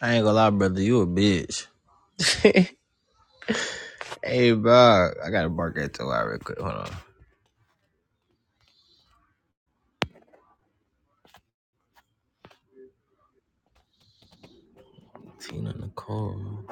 I ain't gonna lie, brother. You a bitch. Hey, bro. I gotta bark at the wire real quick. Hold on. Tina Nicole.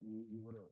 You, you what up?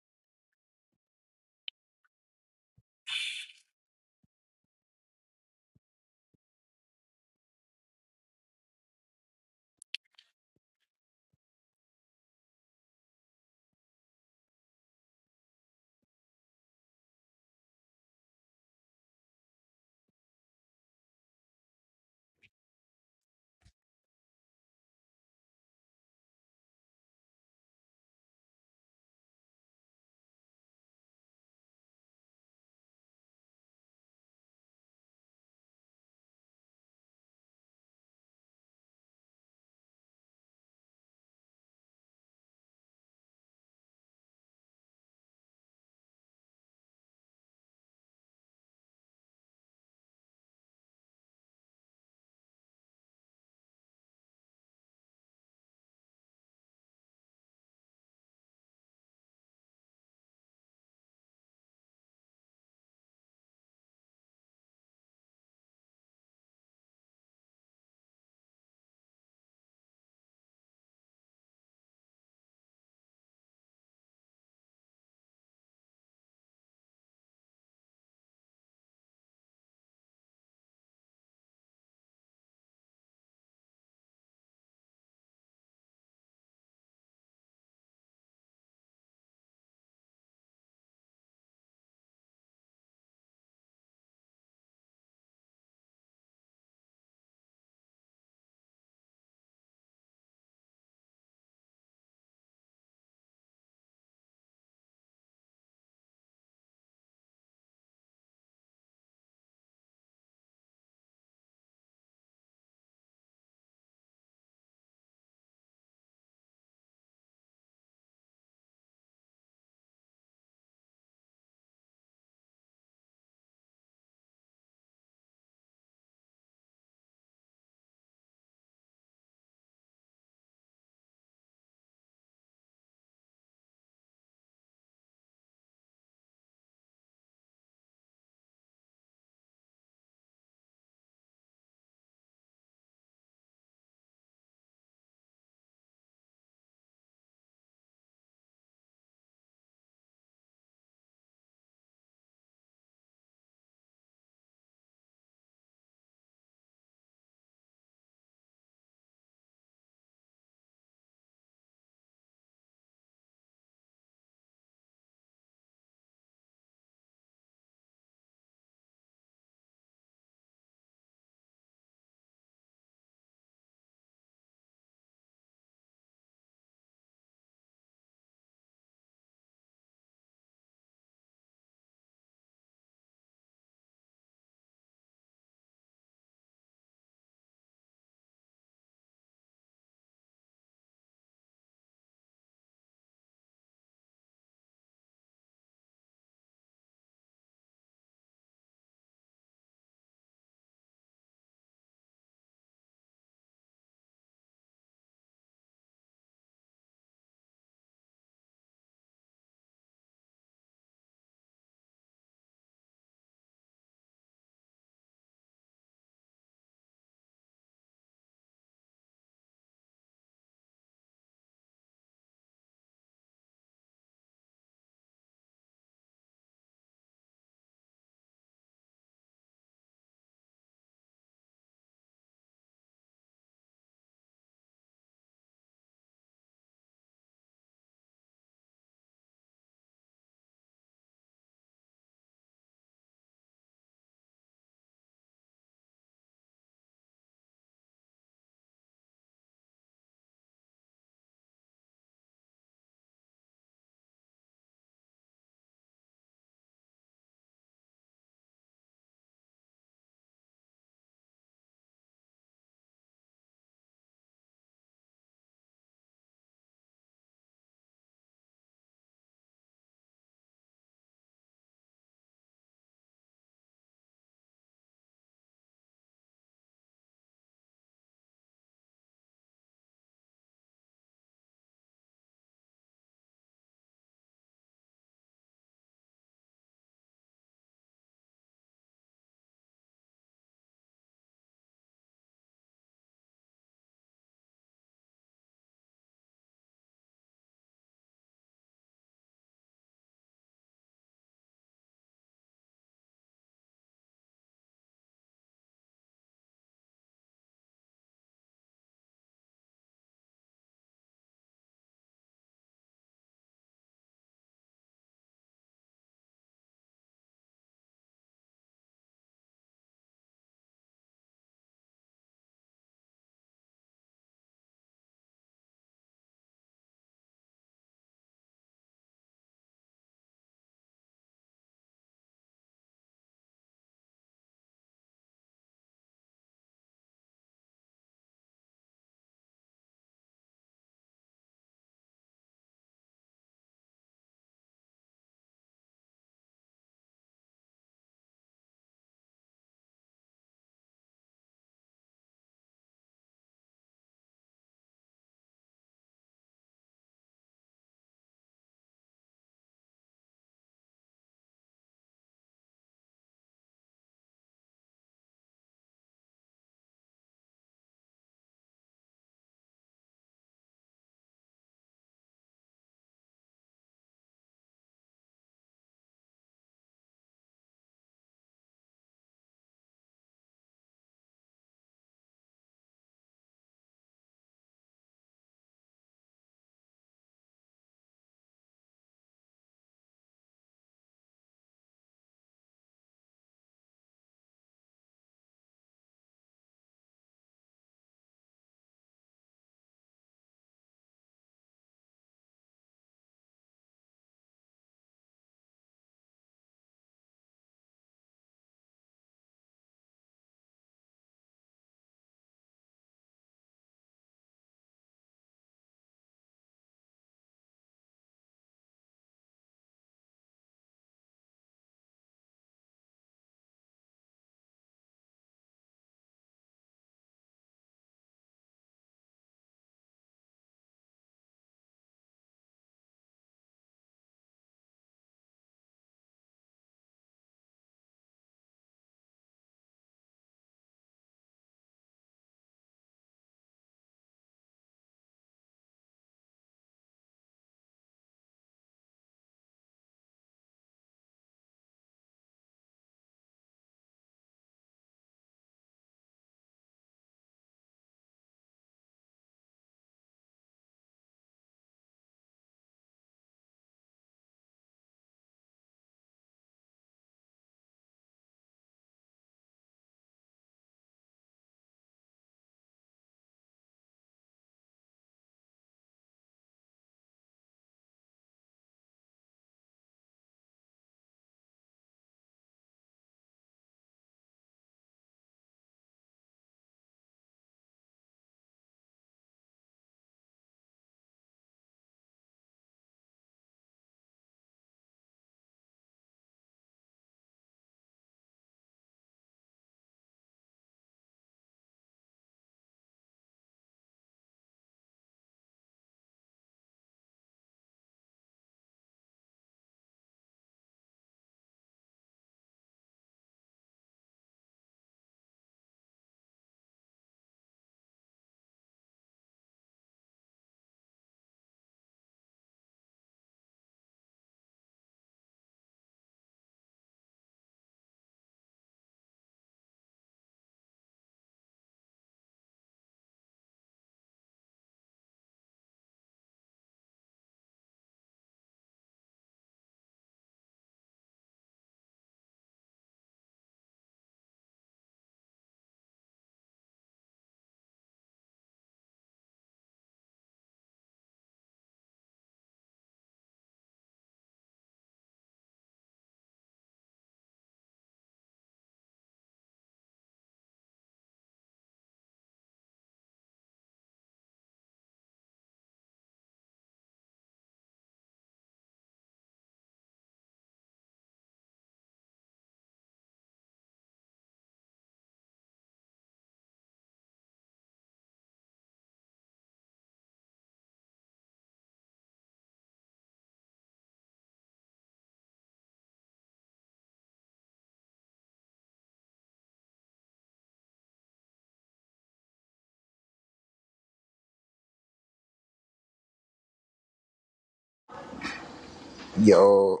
Yo,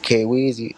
K Weezy.